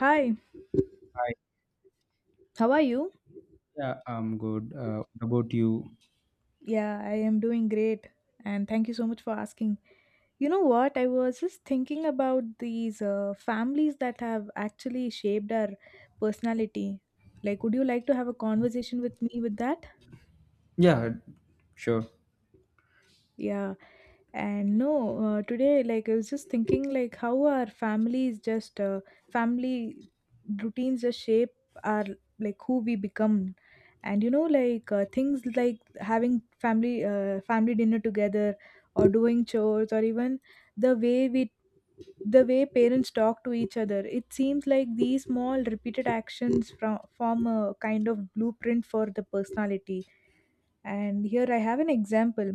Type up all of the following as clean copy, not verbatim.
Hi, Hi. how are you? Yeah, I'm good. What about you? Yeah, I am doing great. And thank you so much for asking. You know what? I was just thinking about these families that have actually shaped our personality. Like, would you like to have a conversation with me with that? Yeah, sure. Yeah. And no, today, like, I was just thinking, like, how our families just, family routines just shape our, like, who we become. And, you know, like, things like having family, family dinner together or doing chores or even the way we the way parents talk to each other. It seems like these small repeated actions from form a kind of blueprint for the personality. And here I have an example.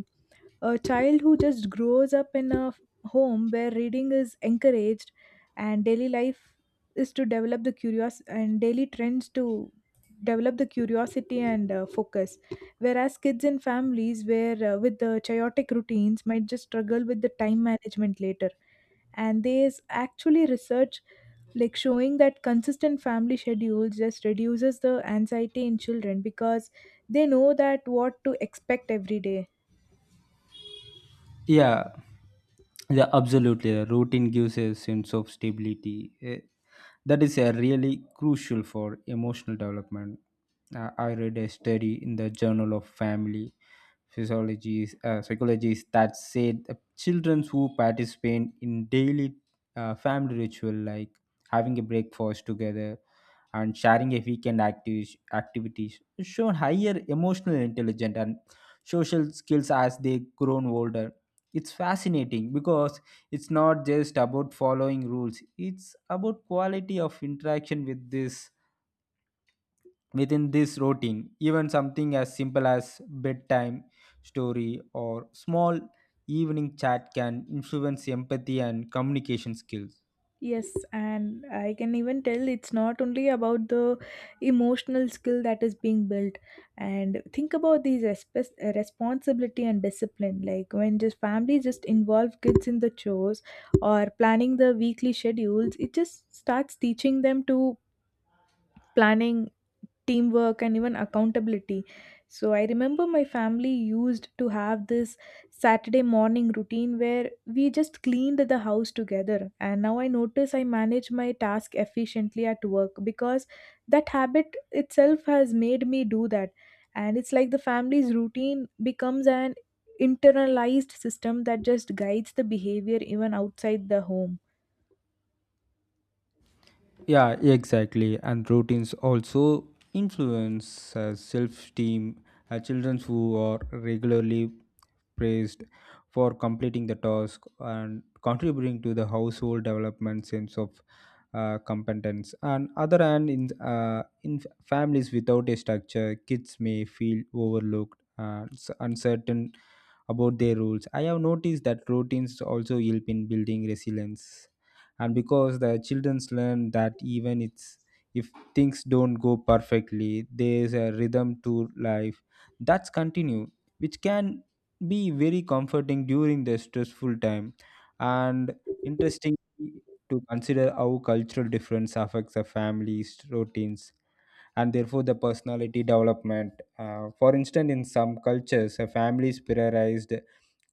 A child who just grows up in a home where reading is encouraged and daily life is to develop the curious and daily trends to develop the curiosity and focus, whereas kids in families where with the chaotic routines might just struggle with the time management later. And there is actually research like showing that consistent family schedules just reduces the anxiety in children because they know that what to expect every day. Yeah, yeah, absolutely. Routine gives a sense of stability. That is really crucial for emotional development. I read a study in the Journal of Family Physiologies, Psychologies, that said that children who participate in daily family ritual like having a breakfast together and sharing a weekend activities shown higher emotional intelligence and social skills as they grown older. It's fascinating because it's not just about following rules, it's about quality of interaction within this routine. Even something as simple as bedtime story or small evening chat can influence empathy and communication skills. Yes, and I can even tell it's not only about the emotional skill that is being built. And think about these responsibility and discipline. Like when just family just involve kids in the chores or planning the weekly schedules, it just starts teaching them to planning teamwork and even accountability. So I remember my family used to have this Saturday morning routine where we just cleaned the house together, and now I notice I manage my task efficiently at work because that habit itself has made me do that. And it's like the family's routine becomes an internalized system that just guides the behavior even outside the home. Yeah, exactly. And routines also influence self-esteem. Children who are regularly praised for completing the task and contributing to the household development sense of competence. And other hand, in families without a structure, kids may feel overlooked and uncertain about their roles. I have noticed that routines also help in building resilience, and because the childrens learn that, even it's if things don't go perfectly, there's a rhythm to life that's continue, which can be very comforting during the stressful time. And interesting to consider how cultural difference affects a family's routines and therefore the personality development. For instance, in some cultures, a families prioritized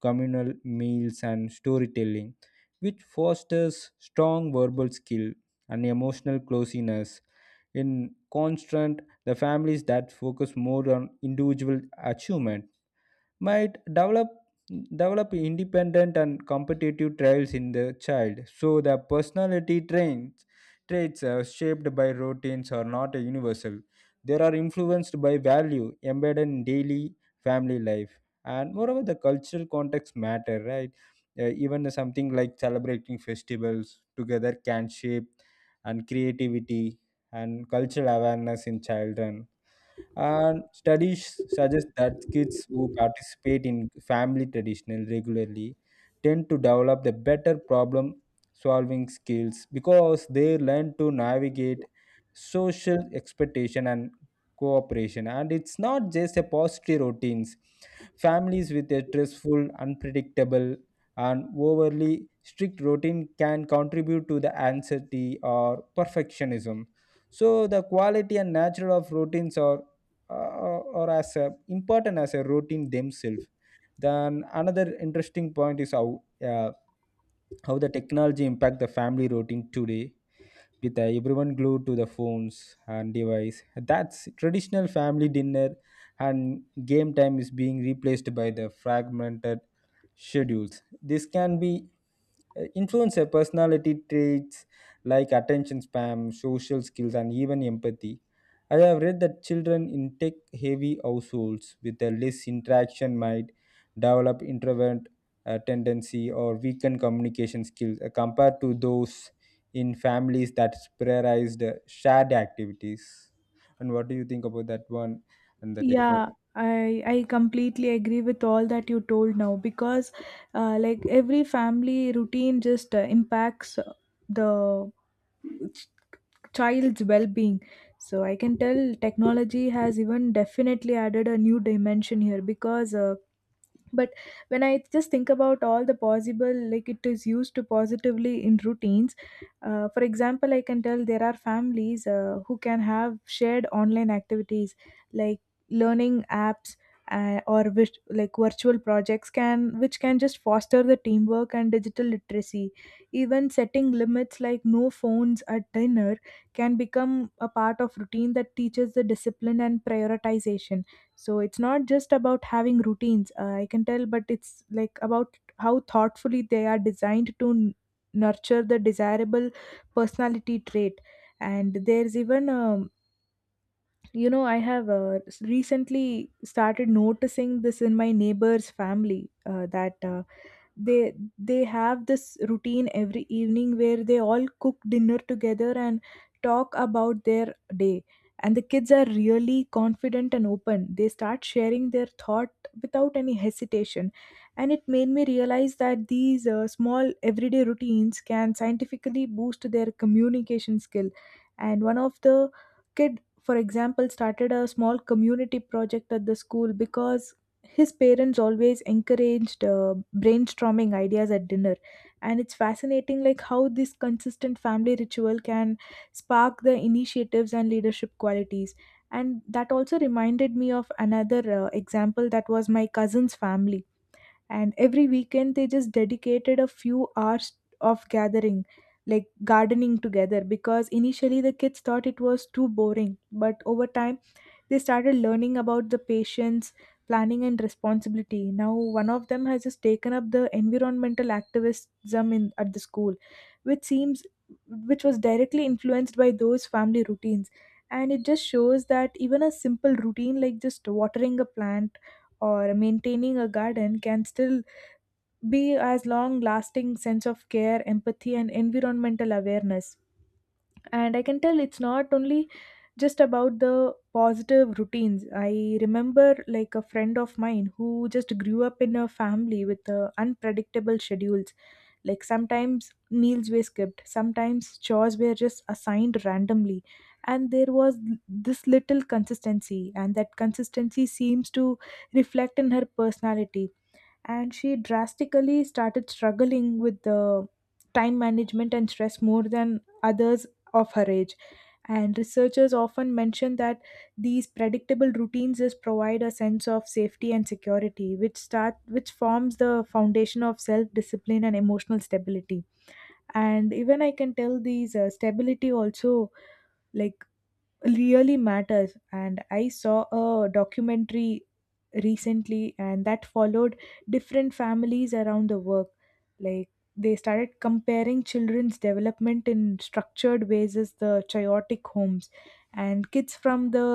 communal meals and storytelling, which fosters strong verbal skill and emotional closeness. In constant, the families that focus more on individual achievement might develop independent and competitive traits in the child. So the personality traits are shaped by routines are not universal, they are influenced by value embedded in daily family life. And moreover, the cultural context matter, right? Even something like celebrating festivals together can shape and creativity and cultural awareness in children. And studies suggest that kids who participate in family traditional regularly tend to develop the better problem solving skills, because they learn to navigate social expectation and cooperation. And it's not just a positive routines, families with a stressful, unpredictable, and overly strict routine can contribute to the anxiety or perfectionism. So the quality and nature of routines are important as a routine themselves. Then another interesting point is how the technology impact the family routine today. With everyone glued to the phones and device, that's traditional family dinner and game time is being replaced by the fragmented schedules. This can be influence their personality traits like attention spam, social skills, and even empathy. I have read that children in tech heavy households with a less interaction might develop introvert tendency or weaken communication skills compared to those in families that prioritized shared activities. And what do you think about that one and the technology? Yeah, I completely agree with all that you told now because like every family routine just impacts the child's well-being. So I can tell technology has even definitely added a new dimension here because but when I just think about all the possible, like it is used to positively in routines. For example, I can tell there are families who can have shared online activities like learning apps, or which, like virtual projects can which can just foster the teamwork and digital literacy. Even setting limits like no phones at dinner can become a part of routine that teaches the discipline and prioritization. So it's not just about having routines, I can tell, but it's like about how thoughtfully they are designed to nurture the desirable personality trait. And there's even a, you know, I have recently started noticing this in my neighbor's family, that they have this routine every evening where they all cook dinner together and talk about their day. And the kids are really confident and open. They start sharing their thought without any hesitation. And it made me realize that these small everyday routines can scientifically boost their communication skill. And one of the kid, for example, started a small community project at the school because his parents always encouraged brainstorming ideas at dinner. And it's fascinating like how this consistent family ritual can spark the initiatives and leadership qualities. And that also reminded me of another example that was my cousin's family. And every weekend they just dedicated a few hours of gathering, like gardening together, because initially the kids thought it was too boring, but over time they started learning about the patience, planning and responsibility. Now one of them has just taken up the environmental activism in at the school, which seems which was directly influenced by those family routines. And it just shows that even a simple routine like just watering a plant or maintaining a garden can still be as long lasting sense of care, empathy and environmental awareness. And I can tell it's not only just about the positive routines. I remember like a friend of mine who just grew up in a family with unpredictable schedules, like sometimes meals were skipped, sometimes chores were just assigned randomly, and there was this little consistency, and that consistency seems to reflect in her personality. And she drastically started struggling with the time management and stress more than others of her age. And researchers often mention that these predictable routines just provide a sense of safety and security, which forms the foundation of self discipline and emotional stability. And even I can tell these stability also, like, really matters. And I saw a documentary recently, and that followed different families around the work, like they started comparing children's development in structured ways as the chaotic homes. And kids from the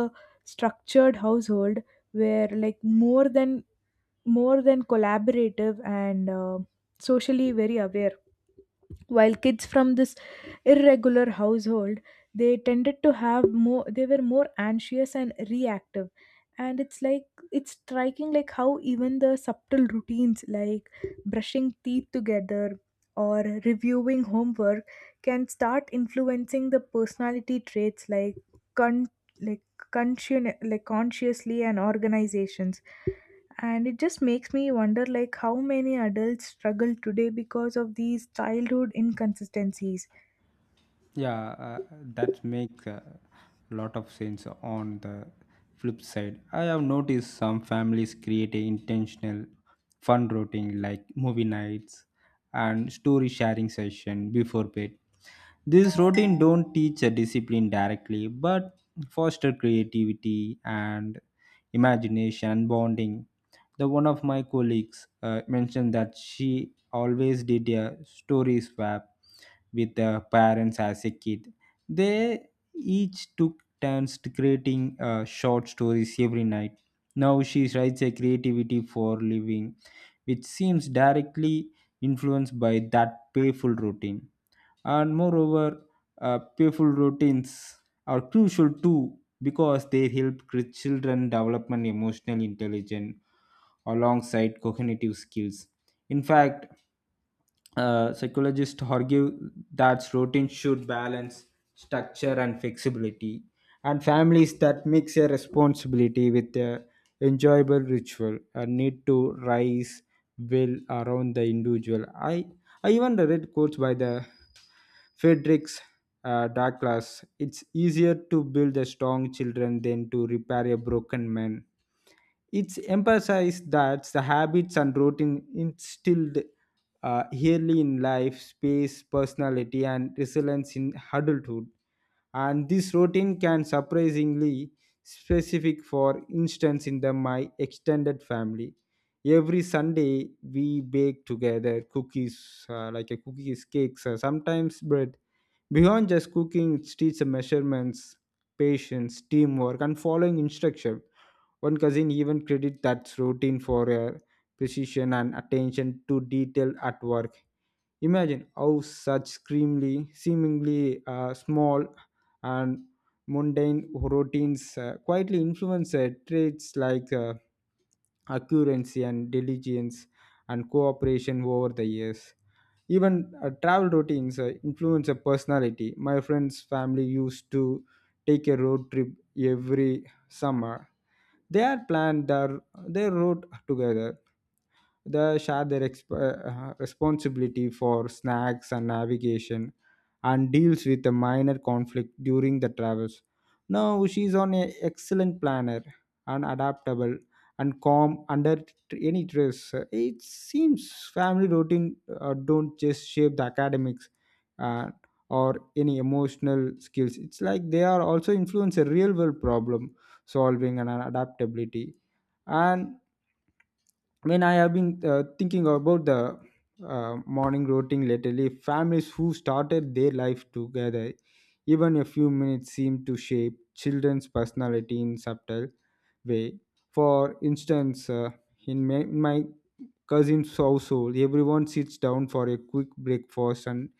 structured household were like more than collaborative and socially very aware, while kids from this irregular household, they tended to have more they were more anxious and reactive. And it's like, it's striking like how even the subtle routines like brushing teeth together or reviewing homework can start influencing the personality traits like con- like like consciously and organizations. And it just makes me wonder like how many adults struggle today because of these childhood inconsistencies. Yeah, that makes a lot of sense on the flip side. I have noticed some families create a intentional fun routine like movie nights and story sharing session before bed. This routine don't teach a discipline directly, but foster creativity and imagination and bonding. The one of my colleagues mentioned that she always did a story swap with the parents as a kid. They each took turns to creating short stories every night. Now she writes a creativity for living, which seems directly influenced by that painful routine. And moreover, playful routines are crucial too because they help children develop an emotional intelligence alongside cognitive skills. In fact, psychologists argue that routine should balance structure and flexibility, and families that mix a responsibility with a enjoyable ritual need to rise will around the individual. I even read quotes by the Fredericks Douglass. It's easier to build a strong children than to repair a broken man. It's emphasized that the habits and routine instilled early in life, space, personality, and resilience in adulthood. And this routine can surprisingly specific, for instance, in the my extended family. Every Sunday we bake together cookies, like a cookies, cakes, sometimes bread. Beyond just cooking, it teaches measurements, patience, teamwork, and following instruction. One cousin even credits that routine for her precision and attention to detail at work. Imagine how such seemingly small and mundane routines quietly influence traits like accuracy and diligence and cooperation over the years. Even travel routines influence a personality. My friend's family used to take a road trip every summer. They had planned their route together, they share their responsibility for snacks and navigation and deals with a minor conflict during the travels. Now she's on an excellent planner and adaptable and calm under any stress. It seems family routine don't just shape the academics uh, or any emotional skills. It's like they are also influence a real world problem solving and adaptability. And when I have been thinking about the morning routine lately, families who started their life together, even a few minutes seem to shape children's personality in subtle way. For instance, in my cousin's household, everyone sits down for a quick breakfast and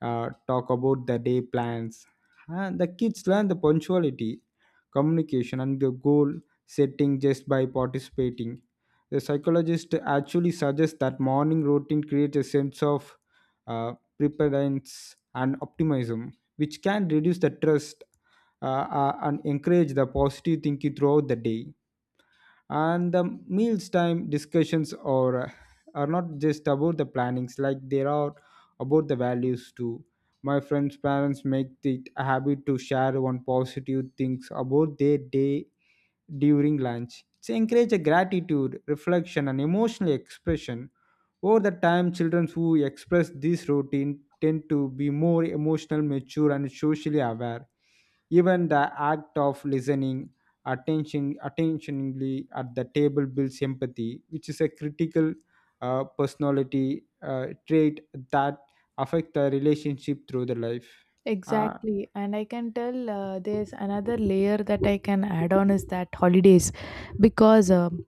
talk about the day plans. And the kids learn the punctuality, communication, and the goal setting just by participating. The psychologist actually suggests that morning routine creates a sense of preparedness and optimism, which can reduce the trust uh, and encourage the positive thinking throughout the day. And the meals time discussions are not just about the plannings, like they are about the values too. My friends parents make it a habit to share one positive things about their day during lunch. It's encourage a gratitude, reflection, and emotional expression. Over the time, children who express this routine tend to be more emotional, mature, and socially aware. Even the act of listening attentionally at the table builds empathy, which is a critical personality trait that affect the relationship through the life. Uh, Exactly, and I can tell there's another layer that I can add on is that holidays, because um,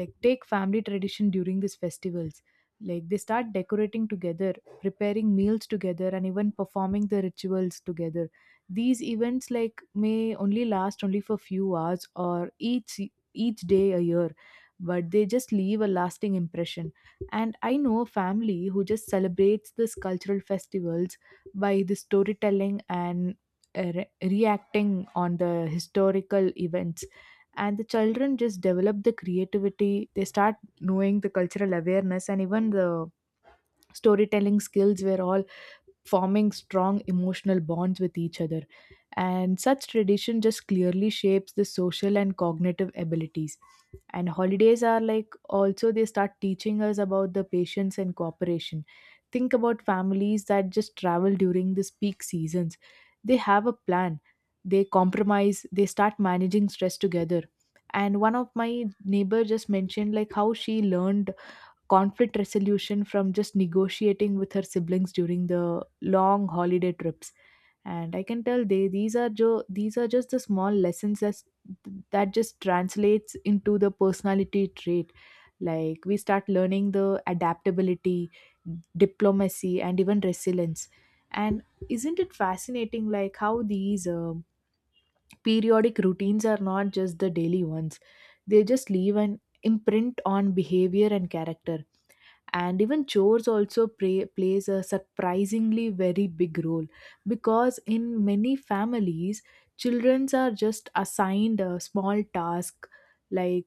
like take family tradition during these festivals, like they start decorating together, preparing meals together, and even performing the rituals together. These events like may only last only for few hours or each day a year, but they just leave a lasting impression. And I know a family who just celebrates this cultural festivals by the storytelling and reacting on the historical events, and the children just develop the creativity. They start knowing the cultural awareness, and even the storytelling skills were all forming strong emotional bonds with each other. And such tradition just clearly shapes the social and cognitive abilities. And holidays are like also they start teaching us about the patience and cooperation. Think about families that just travel during this peak seasons. They have a plan, they compromise, they start managing stress together. And one of my neighbor just mentioned like how she learned conflict resolution from just negotiating with her siblings during the long holiday trips. And I can tell they these are just the small lessons as, that just translates into the personality trait. Like we start learning the adaptability, diplomacy and even resilience. And isn't it fascinating like how these periodic routines are not just the daily ones, they just leave an imprint on behavior and character. And even chores also plays a surprisingly very big role, because in many families children are just assigned a small task like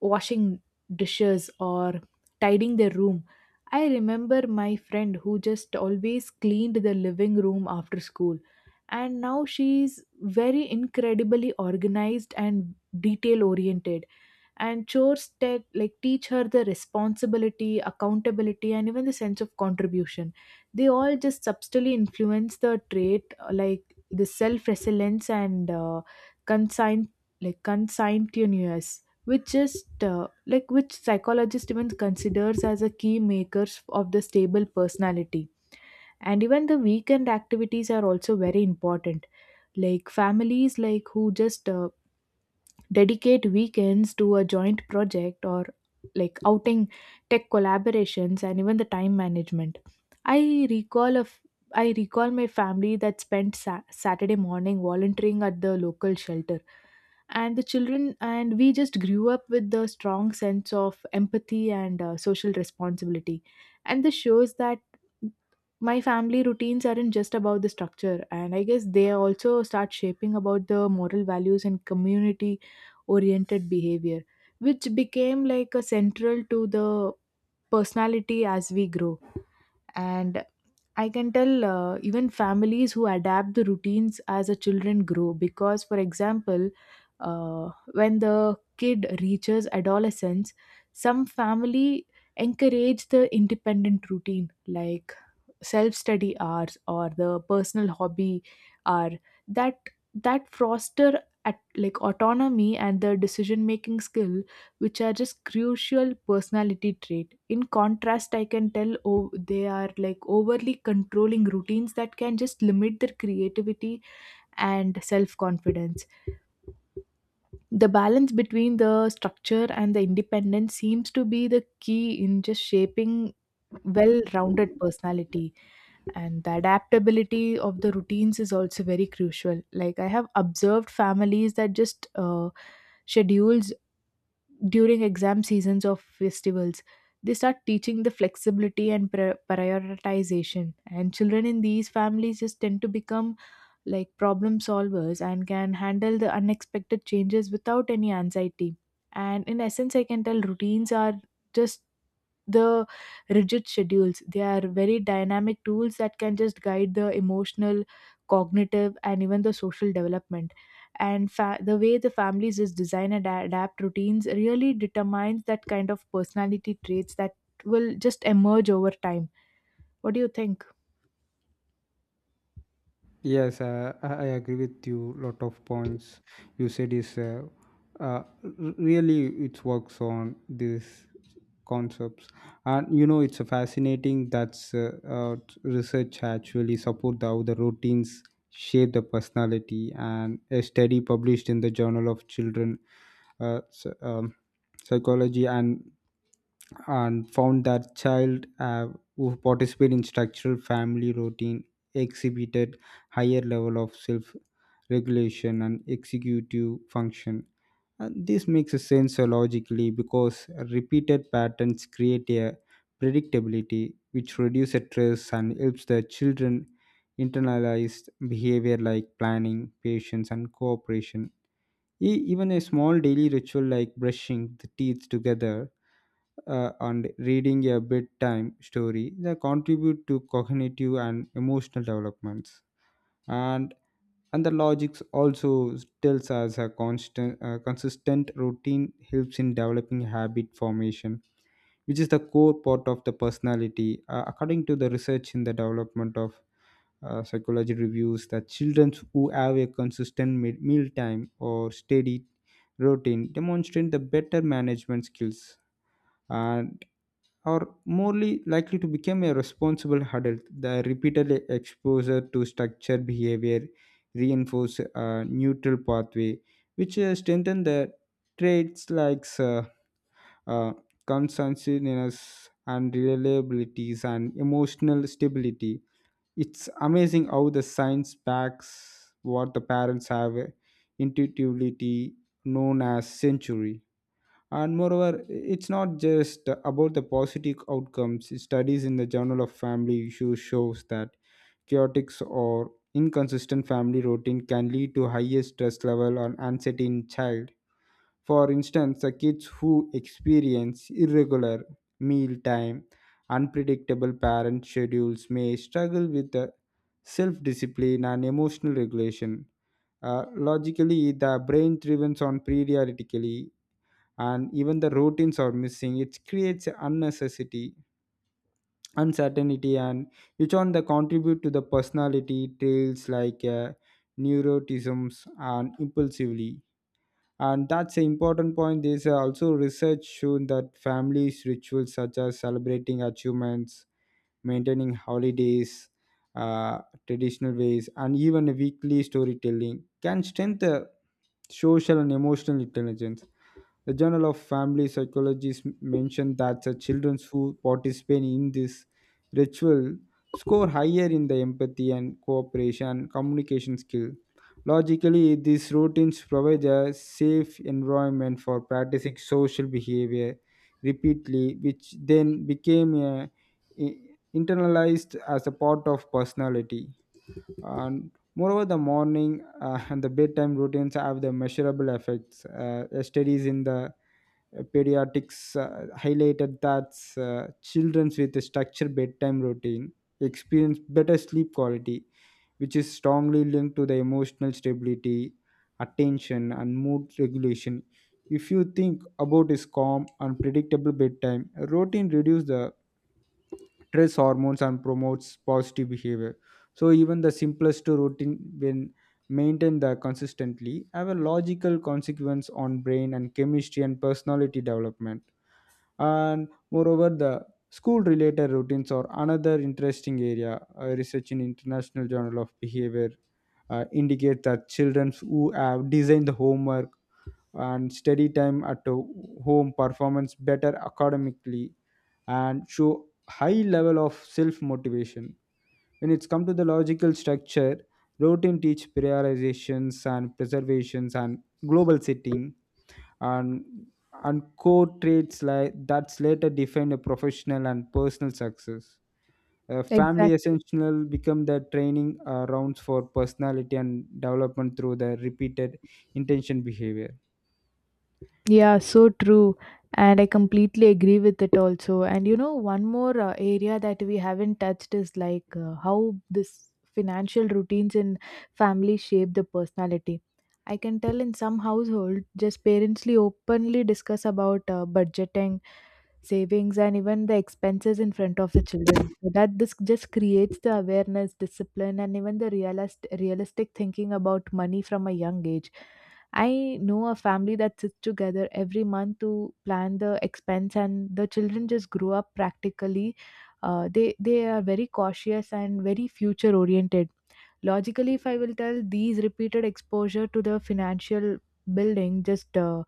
washing dishes or tidying their room. I remember my friend who just always cleaned the living room after school, and now she's very incredibly organized and detail oriented. And chores that like teach her the responsibility, accountability and even the sense of contribution, they all just subtly influence the trait, like the self resilience and consign like conscientious, which just like which psychologist even considers as a key makers of the stable personality. And even the weekend activities are also very important, like families like who just dedicate weekends to a joint project or like outing, tech collaborations and even the time management. i recall a f- I recall my family that spent Saturday morning volunteering at the local shelter, and the children and we just grew up with the strong sense of empathy and social responsibility. And this shows that my family routines aren't just about the structure, and I guess they also start shaping about the moral values and community oriented behavior, which became like a central to the personality as we grow. And I can tell even families who adapt the routines as the children grow, because for example, when the kid reaches adolescence, some family encourage the independent routine like self study hours or the personal hobby hour that that foster at like autonomy and the decision making skill, which are just crucial personality trait. In contrast, I can tell, oh, they are like overly controlling routines that can just limit their creativity and self confidence. The balance between the structure and the independence seems to be the key in just shaping well rounded personality. And the adaptability of the routines is also very crucial. Like I have observed families that just schedules during exam seasons or festivals, they start teaching the flexibility and prioritization, and children in these families just tend to become like problem solvers and can handle the unexpected changes without any anxiety. And in essence, I can tell routines are just the rigid schedules. They are very dynamic tools that can just guide the emotional, cognitive, and even the social development. And the way the families just design and adapt routines really determines that kind of personality traits that will just emerge over time. What do you think? Yes, I agree with you. Lot of points you said is uh, r- really it works on these concepts, and you know it's a fascinating that's research actually support the, how the routines shape the personality. And a study published in the Journal of Children uh, s- um, Psychology and found that child who participate in structural family routine exhibited higher level of self regulation and executive function. And this makes a sense logically because repeated patterns create a predictability which reduces stress and helps the children internalize behavior like planning, patience, and cooperation. Even a small daily ritual like brushing the teeth together and reading a bedtime story, they contribute to cognitive and emotional developments. and and the logics also tells us a constant consistent routine helps in developing habit formation, which is the core part of the personality. According to the research in the development of psychology, reveals that children who have a consistent mealtime or steady routine demonstrate the better management skills and are more likely to become a responsible adult. The repeated exposure to structured behavior reinforce a neutral pathway, which strengthen the traits like uh, conscientiousness and reliabilities and emotional stability. It's amazing how the science backs what the parents have intuitively known as century. And moreover, it's not just about the positive outcomes. Studies in the Journal of Family Issues shows that chaotic or inconsistent family routine can lead to higher stress level on anxiety in child. For instance, the kids who experience irregular meal time, unpredictable parent schedules may struggle with the self-discipline and emotional regulation. Logically, the brain thrives on periodically, and even the routines are missing. It creates unnecessity, uncertainty, and which on the contribute to the personality traits like neuroticisms and impulsively. And that's an important point. There's also research shown that families rituals such as celebrating achievements, maintaining holidays uh, traditional ways, and even a weekly storytelling can strengthen social and emotional intelligence. The Journal of Family Psychology mentioned that the children who participate in this ritual score higher in the empathy and cooperation and communication skill. Logically, these routines provide a safe environment for practicing social behavior repeatedly, which then became a, i- internalized as a part of personality. And moreover, the morning and the bedtime routines have the measurable effects. Studies in the pediatrics highlighted that children with a structured bedtime routine experience better sleep quality, which is strongly linked to the emotional stability, attention, and mood regulation. If you think about his calm and predictable bedtime, routine reduces the stress hormones and promotes positive behavior. So even the simplest routine when maintained the consistently have a logical consequence on brain and chemistry and personality development. And moreover, the school related routines are another interesting area. Research in International Journal of Behavior indicate that children who have designed the homework and study time at home performance better academically and show high level of self motivation. When it's come to the logical structure, routine teach prioritizations and preservations and global setting and and core traits like that's later define a professional and personal success. Family Exactly. essential become the training rounds for personality and development through the repeated intention behavior. Yeah, so true. And I completely agree with it also. And one more area that we haven't touched is like how this financial routines in family shape the personality. I can tell in some household, just parentsly openly discuss about budgeting, savings, and even the expenses in front of the children. So that this just creates the awareness, discipline, and even the realistic thinking about money from a young age. I know a family that sits together every month to plan the expense, and the children just grow up practically. They are very cautious and very future oriented. Logically, if I will tell these repeated exposure to the financial building, just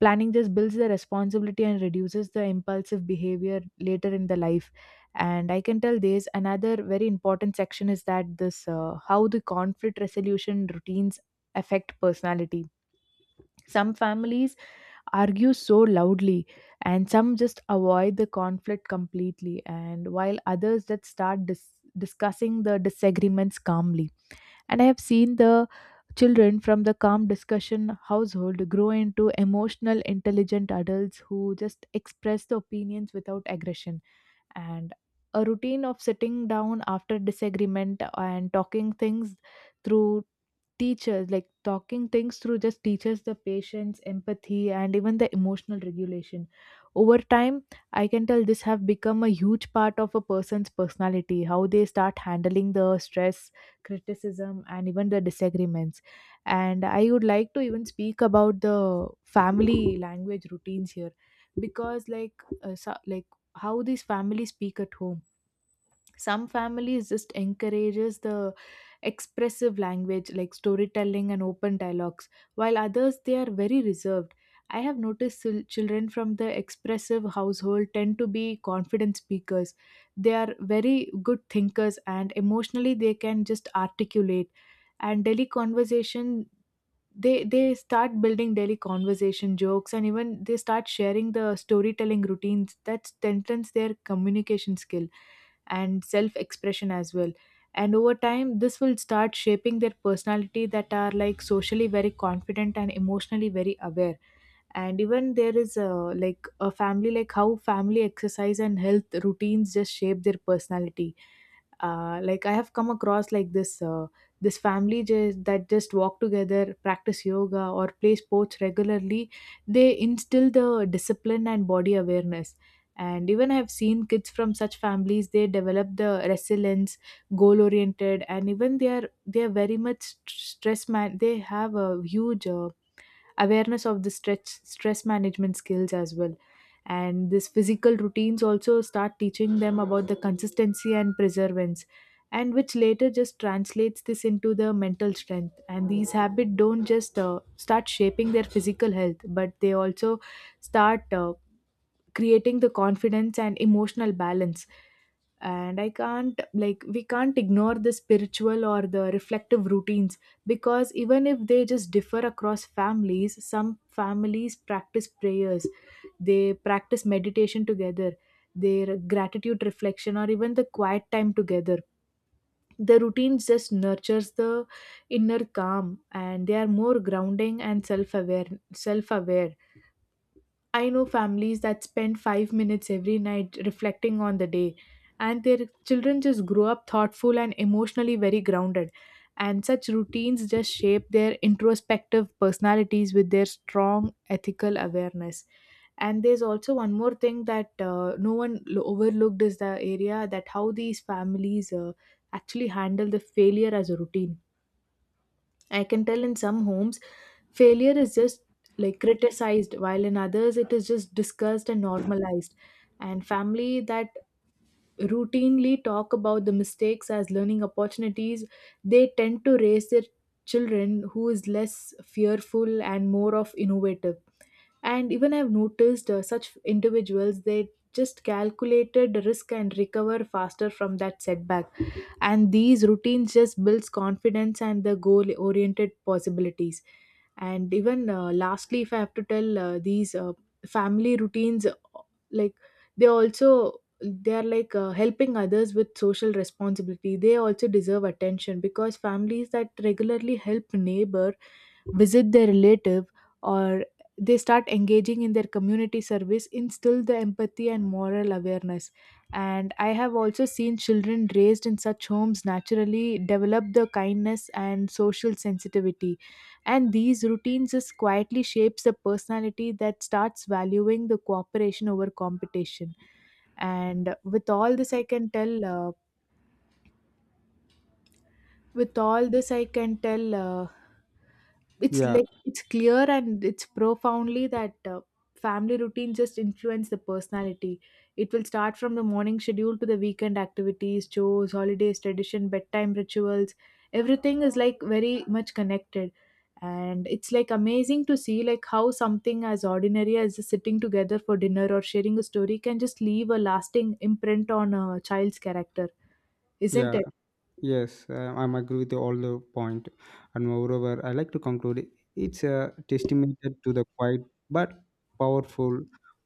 planning just builds the responsibility and reduces the impulsive behavior later in the life. And I can tell there's another very important section is that this how the conflict resolution routines affect personality. Some families argue so loudly, and some just avoid the conflict completely, and while others that start discussing the disagreements calmly. And I have seen the children from the calm discussion household grow into emotional, intelligent adults who just express the opinions without aggression. And a routine of sitting down after disagreement and talking things through teachers like talking things through just teaches the patience empathy and even the emotional regulation over time. I can tell this have become a huge part of a person's personality, how they start handling the stress criticism and even the disagreements. And I would like to even speak about the family language routines here, because like so, like how these families speak at home. Some families just encourages the expressive language like storytelling and open dialogues, while others they are very reserved. I have noticed children from the expressive household tend to be confident speakers. They are very good thinkers and emotionally they can just articulate. And Delhi conversation, they start building daily conversation jokes and even they start sharing the storytelling routines that strengthens their communication skill and self expression as well. And over time this will start shaping their personality that are like socially very confident and emotionally very aware. And even there is a, like a family, like how family exercise and health routines just shape their personality. Like I have come across like this family just, that just walk together practice yoga or play sports regularly. They instill the discipline and body awareness. And even I have seen kids from such families, they develop the resilience, goal oriented, and even they are very much stress man they have a huge awareness of the stress management skills as well. And this physical routines also start teaching them about the consistency and perseverance. And which later just translates this into the mental strength, and these habits don't just start shaping their physical health, but they also start creating the confidence and emotional balance. And I can't like we can't ignore the spiritual or the reflective routines, because even if they just differ across families, some families practice prayers, they practice meditation together, their gratitude reflection or even the quiet time together. The routines just nurtures the inner calm, and they are more grounding and self aware. I know families that spend 5 minutes every night reflecting on the day, and their children just grow up thoughtful and emotionally very grounded. And such routines just shape their introspective personalities with their strong ethical awareness. And there's also one more thing that no one overlooked is the area that how these families actually handle the failure as a routine. I can tell in some homes, failure is just like criticized, while in others, it is just discussed and normalized. And family that routinely talk about the mistakes as learning opportunities, they tend to raise their children who is less fearful and more of innovative. And even I've noticed such individuals, they just calculated risk and recover faster from that setback. And these routines just builds confidence and the goal oriented possibilities. And even lastly, if I have to tell these family routines, like they also they are like helping others with social responsibility, they also deserve attention, because families that regularly help neighbor, visit their relative, or they start engaging in their community service instill the empathy and moral awareness. And I have also seen children raised in such homes naturally develop the kindness and social sensitivity. And these routines just quietly shapes a personality that starts valuing the cooperation over competition. And with all this I can tell, it's Yeah, like it's clear and it's profoundly that family routine just influence the personality. It will start from the morning schedule to the weekend activities, chores, holidays tradition, bedtime rituals, everything is like very much connected. And it's like amazing to see like how something as ordinary as just sitting together for dinner or sharing a story can just leave a lasting imprint on a child's character, isn't yeah. it? Yes, I'm agree with all the point, and moreover, I like to conclude it's a testament to the quiet but powerful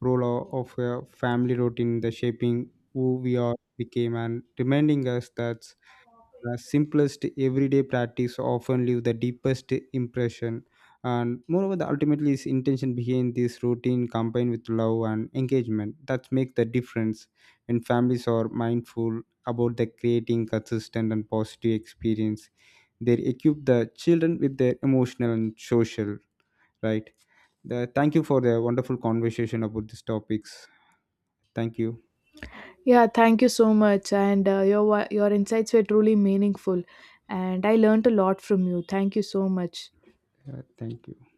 role of a family routine in the shaping who we are became, and reminding us that simplest everyday practice often leave the deepest impression. And moreover the ultimately is intention behind this routine combined with love and engagement that make the difference. When families are mindful about the creating consistent and positive experience, they equip the children with their emotional and social, right. Thank you for the wonderful conversation about these topics. Thank you. Yeah, thank you so much. And your insights were truly meaningful, and I learned a lot from you. Thank you so much. Thank you.